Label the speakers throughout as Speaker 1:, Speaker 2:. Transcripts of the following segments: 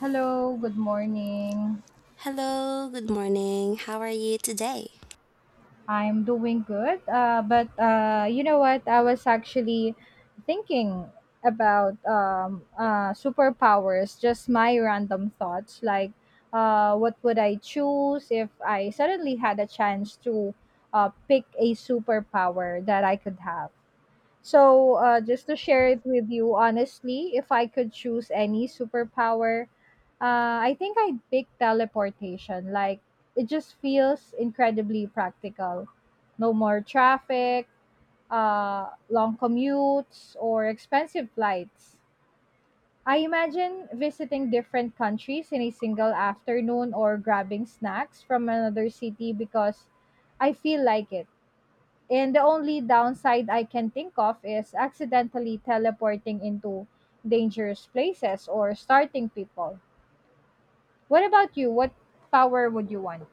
Speaker 1: Hello, good morning.
Speaker 2: Hello, good morning. How are you today?
Speaker 1: I'm doing good. But you know what? I was actually thinking about superpowers, just my random thoughts. What would I choose if I suddenly had a chance to pick a superpower that I could have? So, just to share it with you, honestly, if I could choose any superpower, I think I'd pick teleportation. Like, it just feels incredibly practical. No more traffic, long commutes, or expensive flights. I imagine visiting different countries in a single afternoon or grabbing snacks from another city because I feel like it. And the only downside I can think of is accidentally teleporting into dangerous places or starting people. What about you? What power would you want?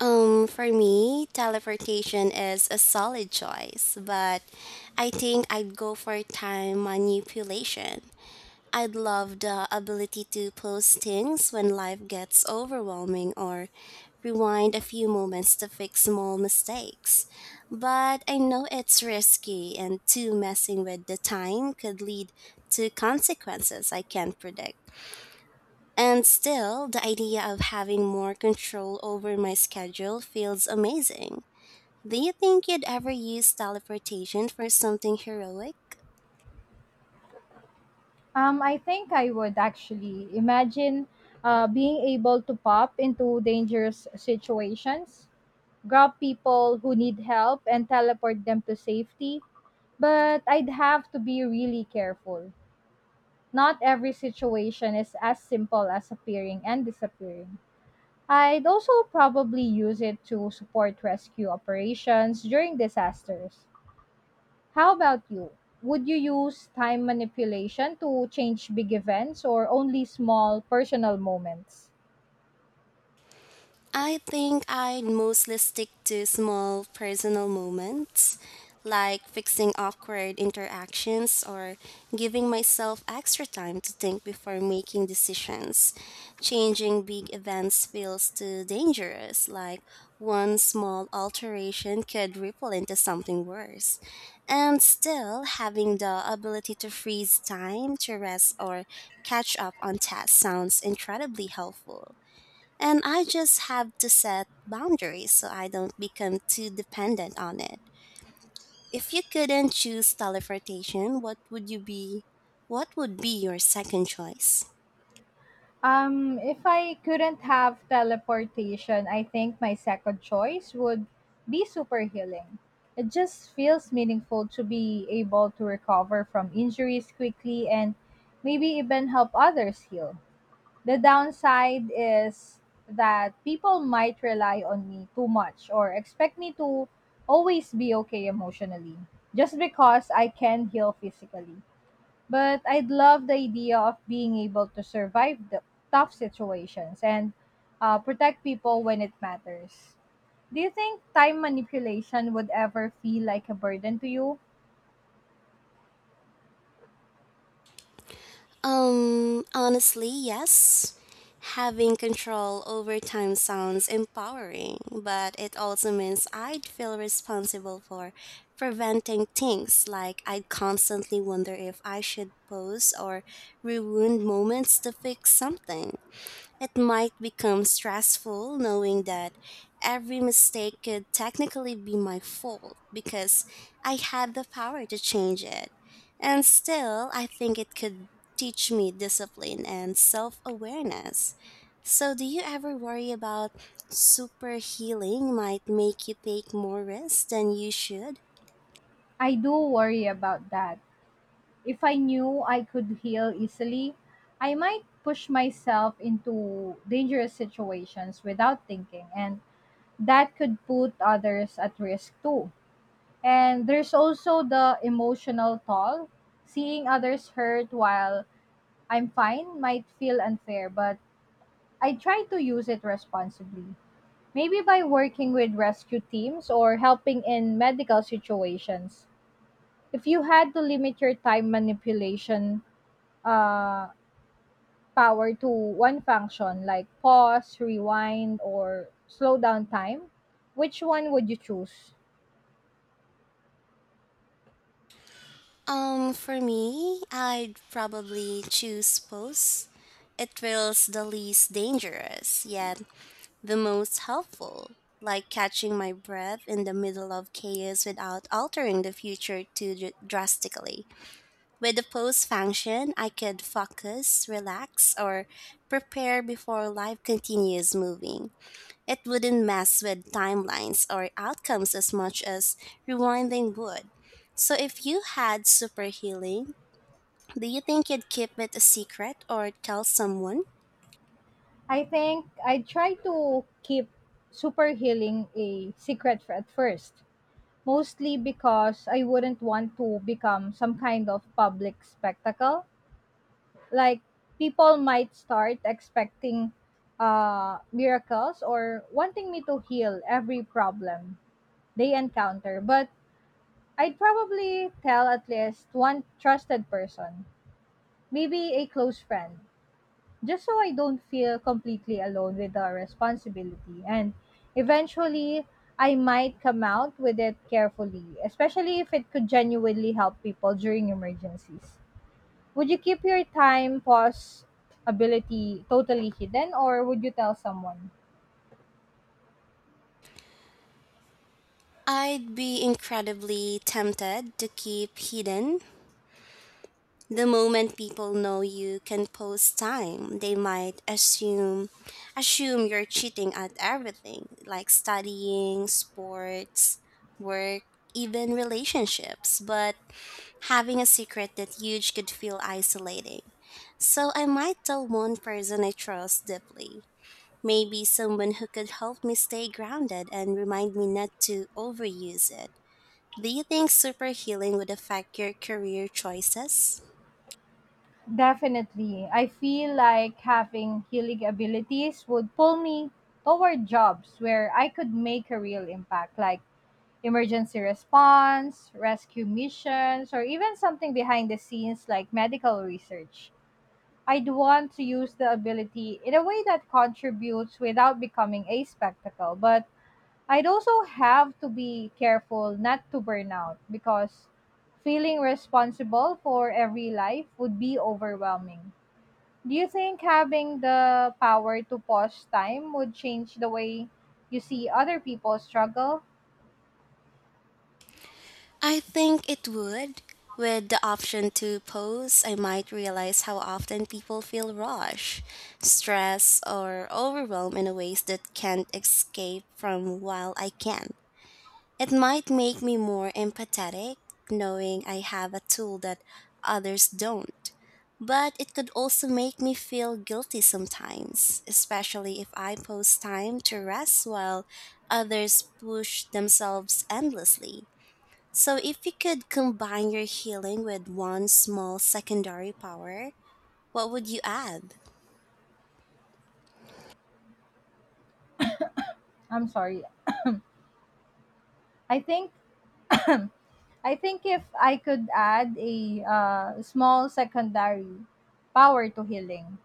Speaker 2: For me, teleportation is a solid choice, but I think I'd go for time manipulation. I'd love the ability to pause things when life gets overwhelming or rewind a few moments to fix small mistakes. But I know it's risky, and too messing with the time could lead to consequences I can't predict. And still, the idea of having more control over my schedule feels amazing. Do you think you'd ever use teleportation for something heroic?
Speaker 1: I think I would actually imagine being able to pop into dangerous situations, grab people who need help, and teleport them to safety. But I'd have to be really careful. Not every situation is as simple as appearing and disappearing. I'd also probably use it to support rescue operations during disasters. How about you? Would you use time manipulation to change big events or only small personal moments?
Speaker 2: I think I'd mostly stick to small personal moments, like fixing awkward interactions or giving myself extra time to think before making decisions. Changing big events feels too dangerous, like one small alteration could ripple into something worse. And still, having the ability to freeze time to rest or catch up on tasks sounds incredibly helpful. And I just have to set boundaries so I don't become too dependent on it. If you couldn't choose teleportation, what would you be? What would be your second choice?
Speaker 1: If I couldn't have teleportation, I think my second choice would be super healing. It just feels meaningful to be able to recover from injuries quickly and maybe even help others heal. The downside is that people might rely on me too much or expect me to always be okay emotionally just because I can heal physically. But I'd love the idea of being able to survive the tough situations and protect people when it matters. Do you think time manipulation would ever feel like a burden to you?
Speaker 2: Honestly, yes. Having control over time sounds empowering, but it also means I'd feel responsible for preventing things like I'd constantly wonder if I should pause or rewind moments to fix something. It might become stressful knowing that every mistake could technically be my fault because I had the power to change it. And still, I think it could teach me discipline and self awareness. So, do you ever worry about super healing might make you take more risks than you should?
Speaker 1: I do worry about that. If I knew I could heal easily, I might push myself into dangerous situations without thinking, and that could put others at risk too. And there's also the emotional toll. Seeing others hurt while I'm fine might feel unfair, but I try to use it responsibly. Maybe by working with rescue teams or helping in medical situations. If you had to limit your time manipulation, uh, power to one function like pause, rewind, or slow down time, which one would you choose?
Speaker 2: For me, I'd probably choose post. It feels the least dangerous, yet the most helpful, like catching my breath in the middle of chaos without altering the future too drastically. With the pause function, I could focus, relax, or prepare before life continues moving. It wouldn't mess with timelines or outcomes as much as rewinding would. So, if you had super healing, do you think you'd keep it a secret or tell someone?
Speaker 1: I think I try to keep super healing a secret at first, mostly because I wouldn't want to become some kind of public spectacle. Like, people might start expecting miracles or wanting me to heal every problem they encounter, but I'd probably tell at least one trusted person, maybe a close friend, just so I don't feel completely alone with the responsibility. And eventually, I might come out with it carefully, especially if it could genuinely help people during emergencies. Would you keep your time pause ability totally hidden, or would you tell someone?
Speaker 2: I'd be incredibly tempted to keep hidden. The moment people know you can post time, they might assume you're cheating at everything, like studying, sports, work, even relationships. But having a secret that huge could feel isolating. So I might tell one person I trust deeply. Maybe someone who could help me stay grounded and remind me not to overuse it. Do you think super healing would affect your career choices?
Speaker 1: Definitely. I feel like having healing abilities would pull me toward jobs where I could make a real impact, like emergency response, rescue missions, or even something behind the scenes like medical research. I'd want to use the ability in a way that contributes without becoming a spectacle, but I'd also have to be careful not to burn out because feeling responsible for every life would be overwhelming. Do you think having the power to pause time would change the way you see other people struggle?
Speaker 2: I think it would. With the option to pause, I might realize how often people feel rush, stress, or overwhelmed in ways that can't escape from while I can. It might make me more empathetic, knowing I have a tool that others don't. But it could also make me feel guilty sometimes, especially if I post time to rest while others push themselves endlessly. So, if you could combine your healing with one small secondary power, what would you add?
Speaker 1: I'm sorry. I think I think if I could add a small secondary power to healing,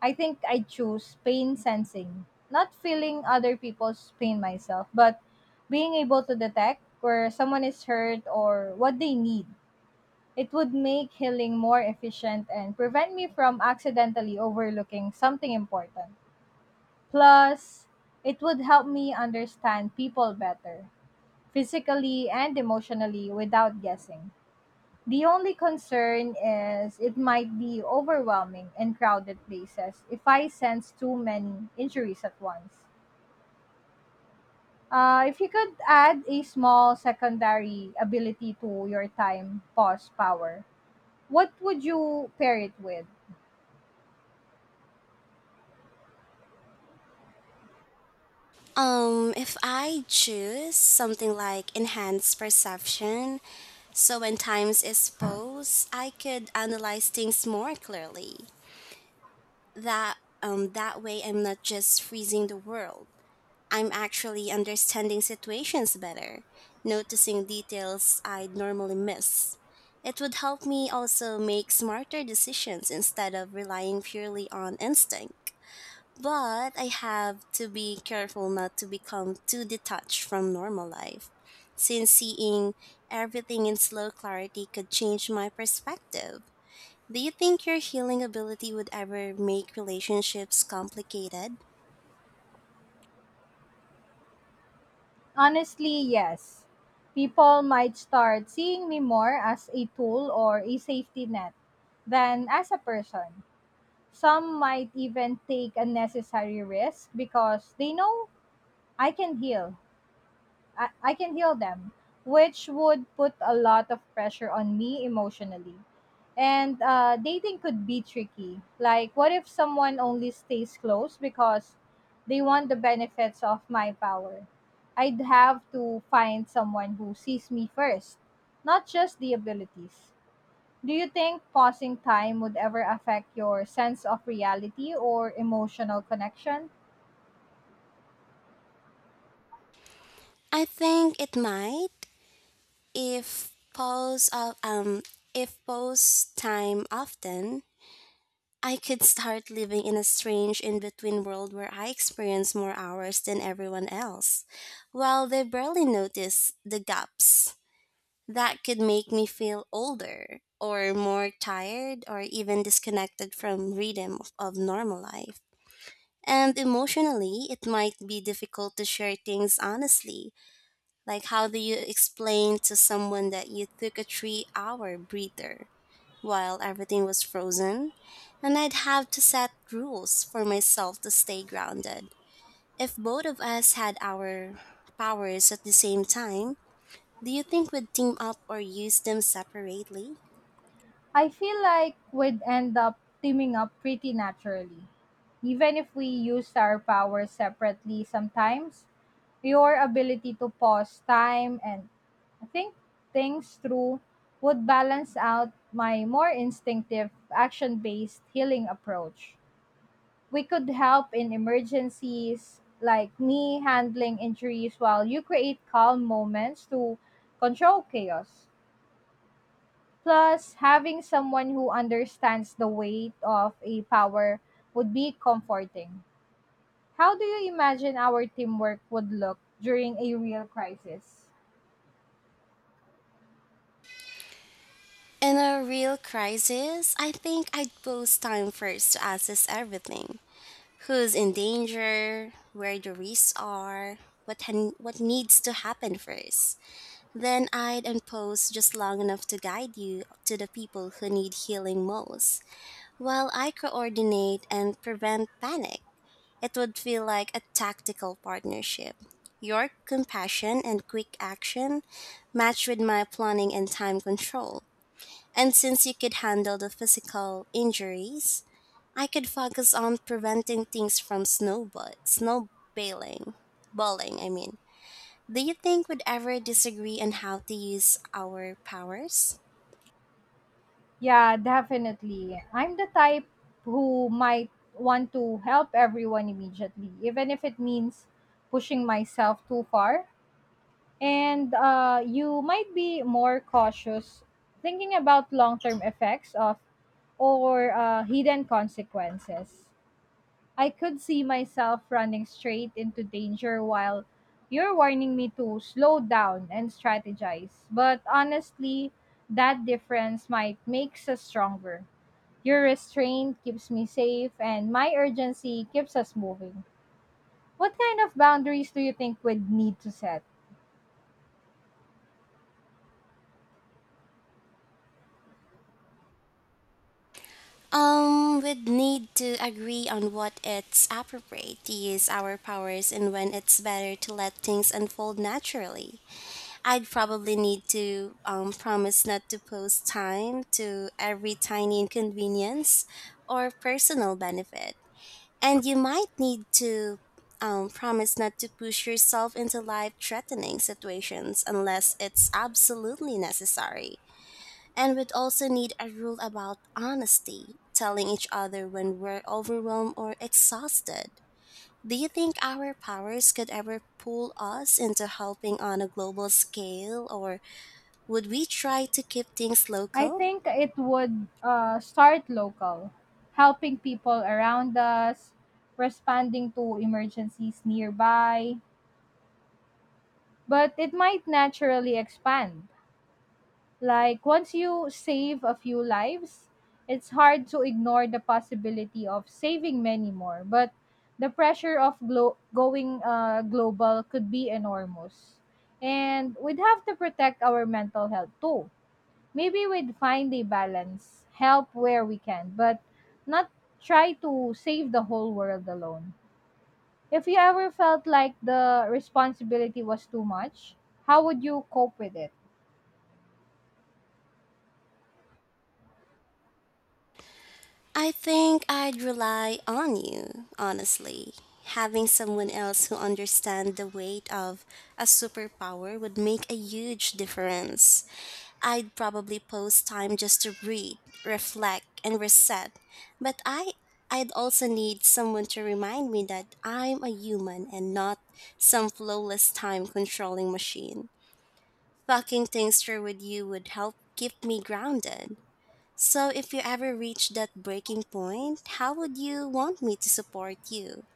Speaker 1: I think I choose pain sensing, not feeling other people's pain myself, but being able to detect where someone is hurt or what they need. It would make healing more efficient and prevent me from accidentally overlooking something important. Plus, it would help me understand people better, physically and emotionally, without guessing. The only concern is it might be overwhelming in crowded places if I sense too many injuries at once. If you could add a small secondary ability to your time pause power, what would you pair it with?
Speaker 2: If I choose something like enhanced perception, so when times is posed, I could analyze things more clearly. That that way I'm not just freezing the world. I'm actually understanding situations better, noticing details I'd normally miss. It would help me also make smarter decisions instead of relying purely on instinct. But I have to be careful not to become too detached from normal life, since seeing everything in slow clarity could change my perspective. Do you think your healing ability would ever make relationships complicated?
Speaker 1: Honestly, yes. People might start seeing me more as a tool or a safety net than as a person. Some might even take unnecessary risks because they know I can heal. I can heal them, which would put a lot of pressure on me emotionally. And dating could be tricky. Like, what if someone only stays close because they want the benefits of my power? I'd have to find someone who sees me first, not just the abilities. Do you think pausing time would ever affect your sense of reality or emotional connection?
Speaker 2: I think it might. If pause of um if pause time often, I could start living in a strange in between world where I experience more hours than everyone else, while they barely notice the gaps that could make me feel older or more tired or even disconnected from rhythm of normal life. And emotionally, it might be difficult to share things honestly like, how do you explain to someone that you took a 3 hour breather while everything was frozen? And I'd have to set rules for myself to stay grounded. If both of us had our powers at the same time, do you think we'd team up or use them separately?
Speaker 1: I feel like we'd end up teaming up pretty naturally. Even if we used our powers separately sometimes, your ability to pause time and think things through would balance out my more instinctive, action based healing approach. We could help in emergencies, like me handling injuries, while you create calm moments to control chaos. Plus, having someone who understands the weight of a power would be comforting. How do you imagine our teamwork would look during a real crisis?
Speaker 2: In a real crisis, I think I'd pose time first to assess everything who's in danger, where the risks are, what needs to happen first. Then I'd impose just long enough to guide you to the people who need healing most, while I coordinate and prevent panic. It would feel like a tactical partnership. Your compassion and quick action matched with my planning and time control. And since you could handle the physical injuries, I could focus on preventing things from snowballing. Balling, I mean. Do you think we'd ever disagree on how to use our powers?
Speaker 1: Yeah, definitely. I'm the type who might want to help everyone immediately, even if it means pushing myself too far. And you might be more cautious thinking about long term effects of or hidden consequences. I could see myself running straight into danger while you're warning me to slow down and strategize. But honestly, that difference might makes us stronger. Your restraint keeps me safe and my urgency keeps us moving. What kind of boundaries do you think we'd need to set?
Speaker 2: We'd need to agree on what it's appropriate to use our powers and when it's better to let things unfold naturally. I'd probably need to promise not to post time to every tiny inconvenience or personal benefit. And you might need to promise not to push yourself into life threatening situations unless it's absolutely necessary. And we'd also need a rule about honesty, telling each other when we're overwhelmed or exhausted. Do you think our powers could ever pull us into helping on a global scale, or would we try to keep things
Speaker 1: I
Speaker 2: local?
Speaker 1: think it would start local, helping people around us, responding to emergencies nearby, but it might naturally expand. Like once you save a few lives, it's hard to ignore the possibility of saving many more, but the pressure of going global could be enormous. And we'd have to protect our mental health too. Maybe we'd find a balance, help where we can, but not try to save the whole world alone. If you ever felt like the responsibility was too much, how would you cope with it?
Speaker 2: I think I'd rely on you, honestly. Having someone else who understands the weight of a superpower would make a huge difference. I'd probably post time just to breathe, reflect, and reset. But I'd also need someone to remind me that I'm a human and not some flawless time controlling machine. Talking things through with you would help keep me grounded. So, if you ever reach that breaking point, how would you want me to support you?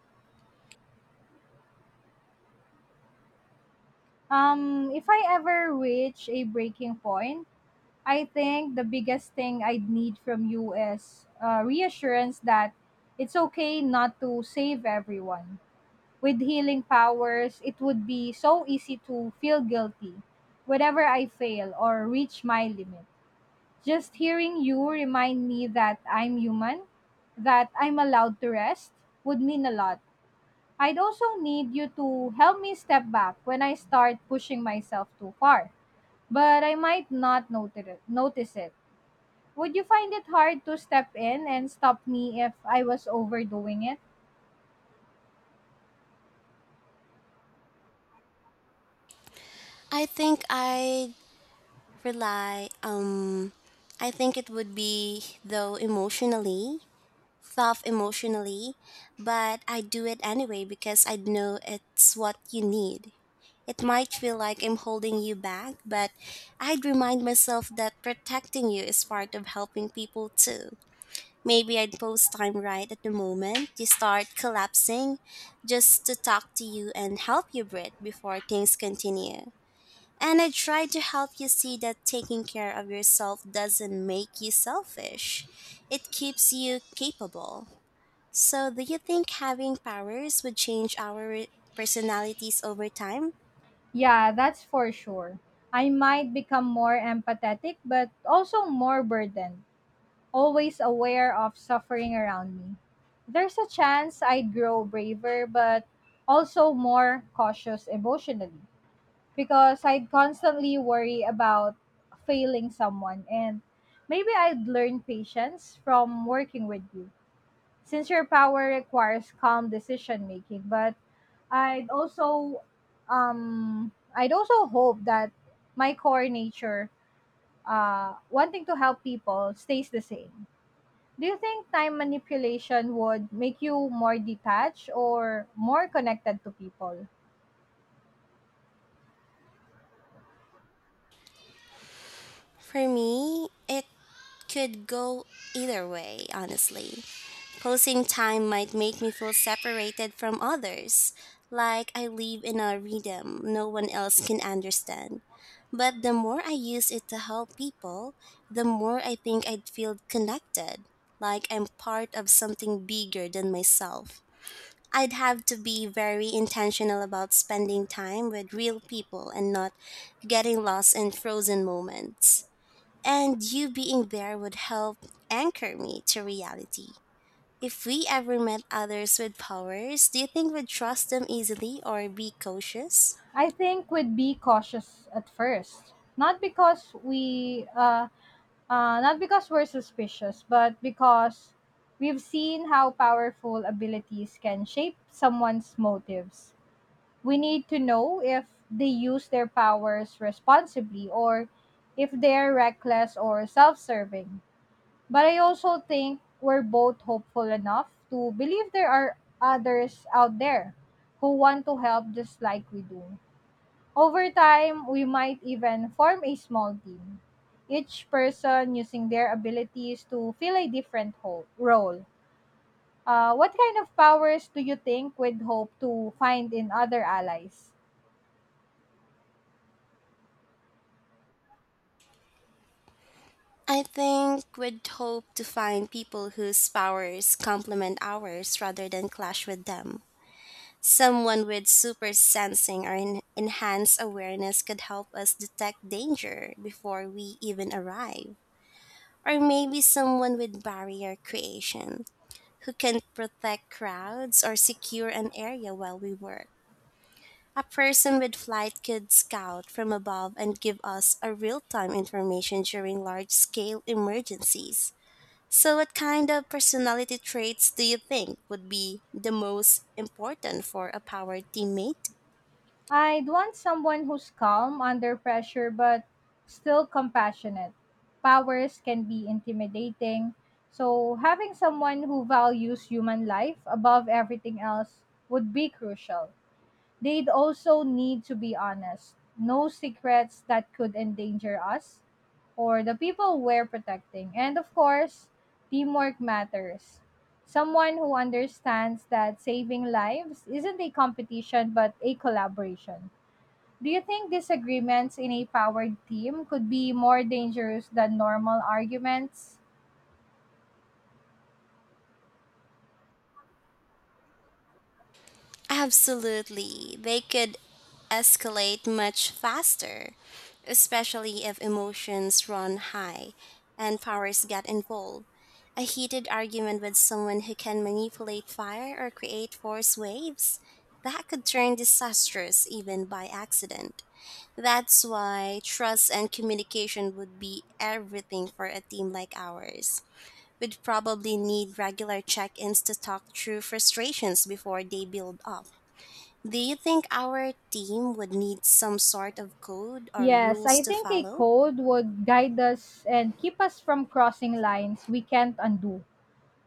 Speaker 1: If I ever reach a breaking point, I think the biggest thing I'd need from you is reassurance that it's okay not to save everyone. With healing powers, it would be so easy to feel guilty whenever I fail or reach my limit. Just hearing you remind me that I'm human, that I'm allowed to rest, would mean a lot. I'd also need you to help me step back when I start pushing myself too far, but I might not Notice it. Would you find it hard to step in and stop me if I was overdoing it?
Speaker 2: I think I'd rely, um, I think it would be, though, emotionally, tough emotionally, but I'd do it anyway because I'd know it's what you need. It might feel like I'm holding you back, but I'd remind myself that protecting you is part of helping people too. Maybe I'd post time right at the moment you start collapsing just to talk to you and help you breathe before things continue. And I try to help you see that taking care of yourself doesn't make you selfish. It keeps you capable. So, do you think having powers would change our personalities over time?
Speaker 1: Yeah, that's for sure. I might become more empathetic but also more burdened. Always aware of suffering around me. There's a chance I'd grow braver, but also more cautious emotionally because I'd constantly worry about failing someone. And maybe I'd learn patience from working with you since your power requires calm decision making. But I'd also I'd also hope that my core nature wanting to help people stays the same. Do you think time manipulation would make you more detached or more connected to people?
Speaker 2: For me, it could go either way, honestly. Closing time might make me feel separated from others, like I live in a rhythm no one else can understand. But the more I use it to help people, the more I think I'd feel connected, like I'm part of something bigger than myself. I'd have to be very intentional about spending time with real people and not getting lost in frozen moments. And you being there would help anchor me to reality. If we ever met others with powers, do you think we'd trust them easily or be cautious?
Speaker 1: I think we'd be cautious at first, not because not because we're suspicious, but because we've seen how powerful abilities can shape someone's motives. We need to know if they use their powers responsibly or if they're reckless or self-serving. But I also think we're both hopeful enough to believe there are others out there who want to help just like we do. Over time, we might even form a small team, each person using their abilities to fill a different role. What kind of powers do you think we'd hope to find in other allies?
Speaker 2: I think we'd hope to find people whose powers complement ours rather than clash with them. Someone with super sensing or enhanced awareness could help us detect danger before we even arrive. Or maybe someone with barrier creation who can protect crowds or secure an area while we work. A person with flight could scout from above and give us a real-time information during large-scale emergencies. So what kind of personality traits do you think would be the most important for a power teammate?
Speaker 1: I'd want someone who's calm under pressure but still compassionate. Powers can be intimidating, so having someone who values human life above everything else would be crucial. They'd also need to be honest. No secrets that could endanger us or the people we're protecting. And of course, teamwork matters. Someone who understands that saving lives isn't a competition but a collaboration. Do you think disagreements in a powered team could be more dangerous than normal arguments?
Speaker 2: Absolutely. They could escalate much faster, especially if emotions run high and powers get involved. A heated argument with someone who can manipulate fire or create force waves that could turn disastrous even by accident. That's why trust and communication would be everything for a team like ours. We'd probably need regular check ins to talk through frustrations before they build up. Do you think our team would need some sort of code or
Speaker 1: Yes,
Speaker 2: rules
Speaker 1: I
Speaker 2: to
Speaker 1: think a
Speaker 2: follow?
Speaker 1: code would guide us and keep us from crossing lines we can't undo.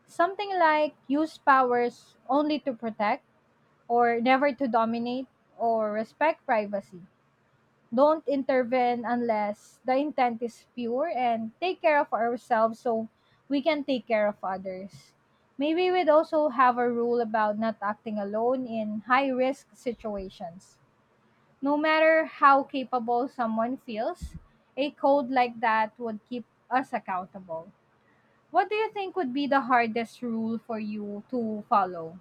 Speaker 1: Something like use powers only to protect, or never to dominate, or respect privacy. Don't intervene unless the intent is pure and take care of ourselves so we can take care of others. Maybe we'd also have a rule about not acting alone in high risk situations. No matter how capable someone feels, a code like that would keep us accountable. What do you think would be the hardest rule for you to follow?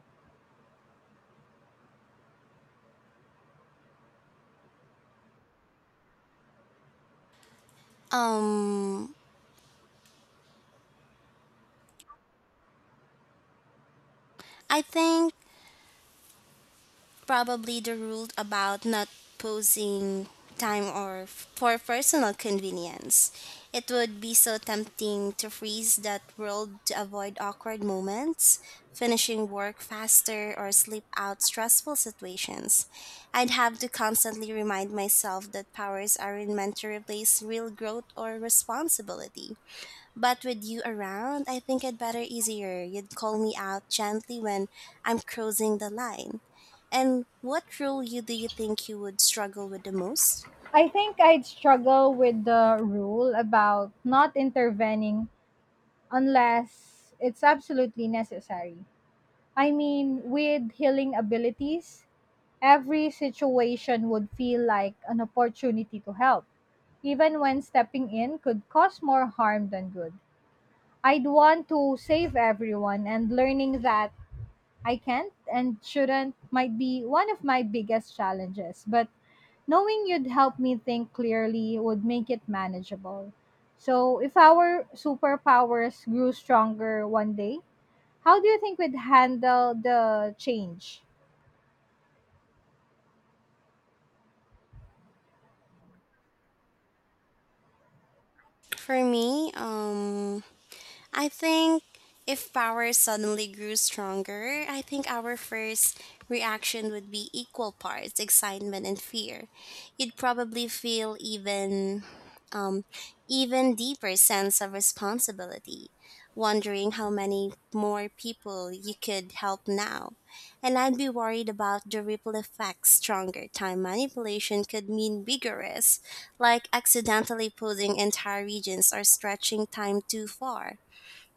Speaker 2: Um, I think probably the rule about not posing time or for personal convenience. It would be so tempting to freeze that world to avoid awkward moments, finishing work faster or sleep out stressful situations. I'd have to constantly remind myself that powers aren't meant to replace real growth or responsibility. But with you around, I think I'd better easier. You'd call me out gently when I'm crossing the line. And what role you do you think you would struggle with the most?
Speaker 1: I think I'd struggle with the rule about not intervening unless it's absolutely necessary. I mean, with healing abilities, every situation would feel like an opportunity to help, even when stepping in could cause more harm than good. I'd want to save everyone, and learning that I can't and shouldn't might be one of my biggest challenges. But knowing you'd help me think clearly would make it manageable. So, if our superpowers grew stronger one day, how do you think we'd handle the change?
Speaker 2: For me, I think if power suddenly grew stronger, I think our first reaction would be equal parts excitement and fear. You'd probably feel even um even deeper sense of responsibility, wondering how many more people you could help now. And I'd be worried about the ripple effects stronger time manipulation could mean bigger risks, like accidentally pulling entire regions or stretching time too far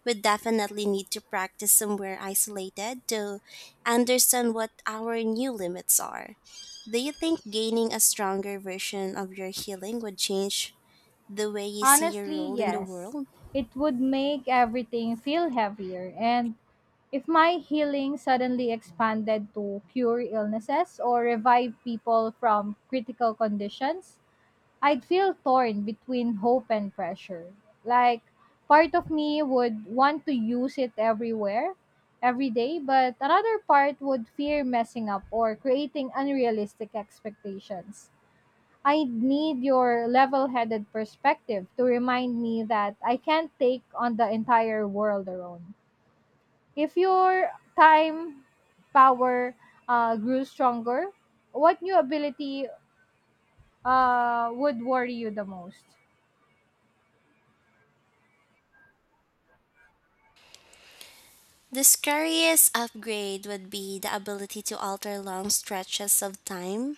Speaker 2: would definitely need to practice somewhere isolated to understand what our new limits are. Do you think gaining a stronger version of your healing would change the way you see your
Speaker 1: Honestly,
Speaker 2: role in the
Speaker 1: yes.
Speaker 2: world?
Speaker 1: It would make everything feel heavier. And if my healing suddenly expanded to cure illnesses or revive people from critical conditions, I'd feel torn between hope and pressure. Like, part of me would want to use it everywhere, every day, but another part would fear messing up or creating unrealistic expectations. I need your level headed perspective to remind me that I can't take on the entire world alone. If your time power grew stronger, what new ability would worry you the most?
Speaker 2: The scariest upgrade would be the ability to alter long stretches of time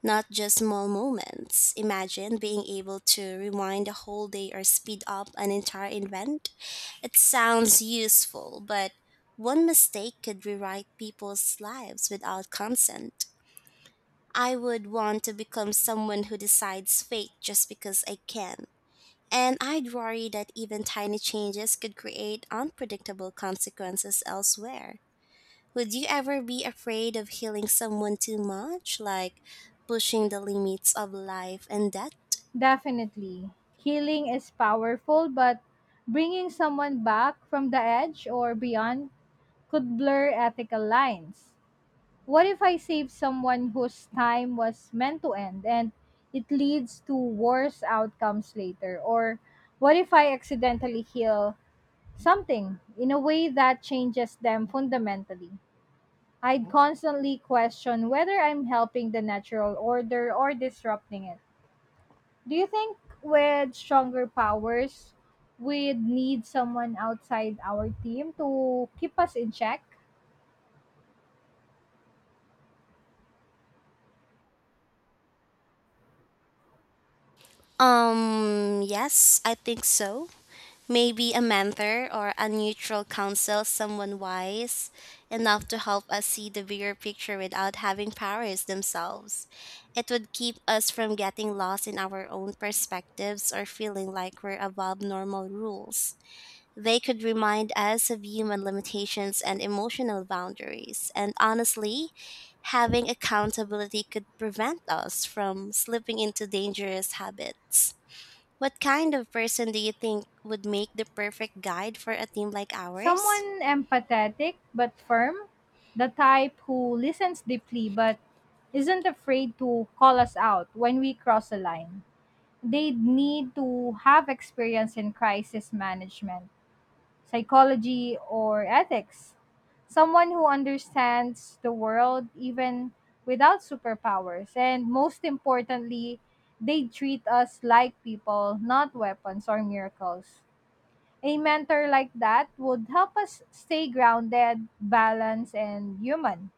Speaker 2: not just small moments. Imagine being able to rewind a whole day or speed up an entire event. It sounds useful, but one mistake could rewrite people's lives without consent. I would want to become someone who decides fate just because I can. And I'd worry that even tiny changes could create unpredictable consequences elsewhere. Would you ever be afraid of healing someone too much, like pushing the limits of life and death?
Speaker 1: Definitely. Healing is powerful, but bringing someone back from the edge or beyond could blur ethical lines. What if I save someone whose time was meant to end and it leads to worse outcomes later? Or what if I accidentally heal something in a way that changes them fundamentally? I'd constantly question whether I'm helping the natural order or disrupting it. Do you think with stronger powers, we'd need someone outside our team to keep us in check?
Speaker 2: Yes, I think so. Maybe a mentor or a neutral counsel, someone wise enough to help us see the bigger picture without having powers themselves. It would keep us from getting lost in our own perspectives or feeling like we're above normal rules. They could remind us of human limitations and emotional boundaries. And honestly, having accountability could prevent us from slipping into dangerous habits. What kind of person do you think would make the perfect guide for a team like ours?
Speaker 1: Someone empathetic but firm, the type who listens deeply but isn't afraid to call us out when we cross a line. They need to have experience in crisis management, psychology, or ethics. Someone who understands the world even without superpowers. And most importantly, they treat us like people, not weapons or miracles. A mentor like that would help us stay grounded, balanced, and human.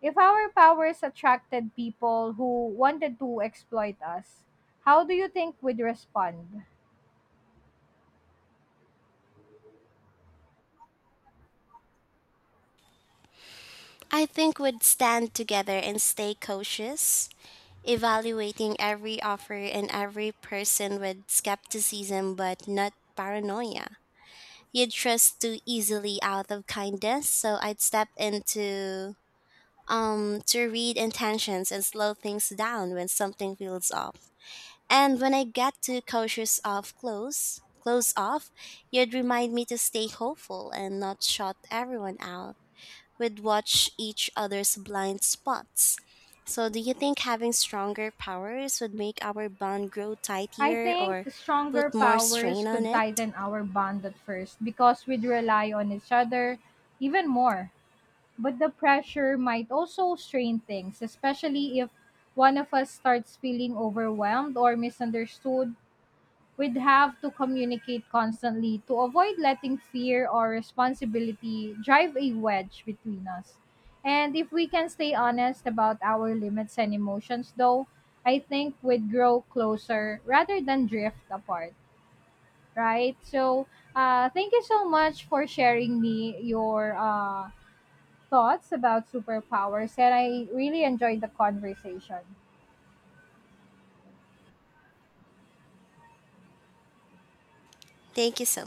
Speaker 1: If our powers attracted people who wanted to exploit us, how do you think we'd respond?
Speaker 2: I think would stand together and stay cautious, evaluating every offer and every person with skepticism but not paranoia. You'd trust too easily out of kindness. So I'd step into to read intentions and slow things down when something feels off. And when I get too cautious of close off, you'd remind me to stay hopeful and not shut everyone out. We'd watch each other's blind spots. So do you think having stronger powers would make our bond grow
Speaker 1: I
Speaker 2: tighter
Speaker 1: think
Speaker 2: or
Speaker 1: stronger
Speaker 2: put more
Speaker 1: powers
Speaker 2: strain on
Speaker 1: could
Speaker 2: it?
Speaker 1: tighten our bond at first because we'd rely on each other even more. But the pressure might also strain things, especially if one of us starts feeling overwhelmed or misunderstood we'd have to communicate constantly to avoid letting fear or responsibility drive a wedge between us. And if we can stay honest about our limits and emotions, though, I think we'd grow closer rather than drift apart, right? So, thank you so much for sharing me your thoughts about superpowers, and I really enjoyed the conversation.
Speaker 2: Thank you so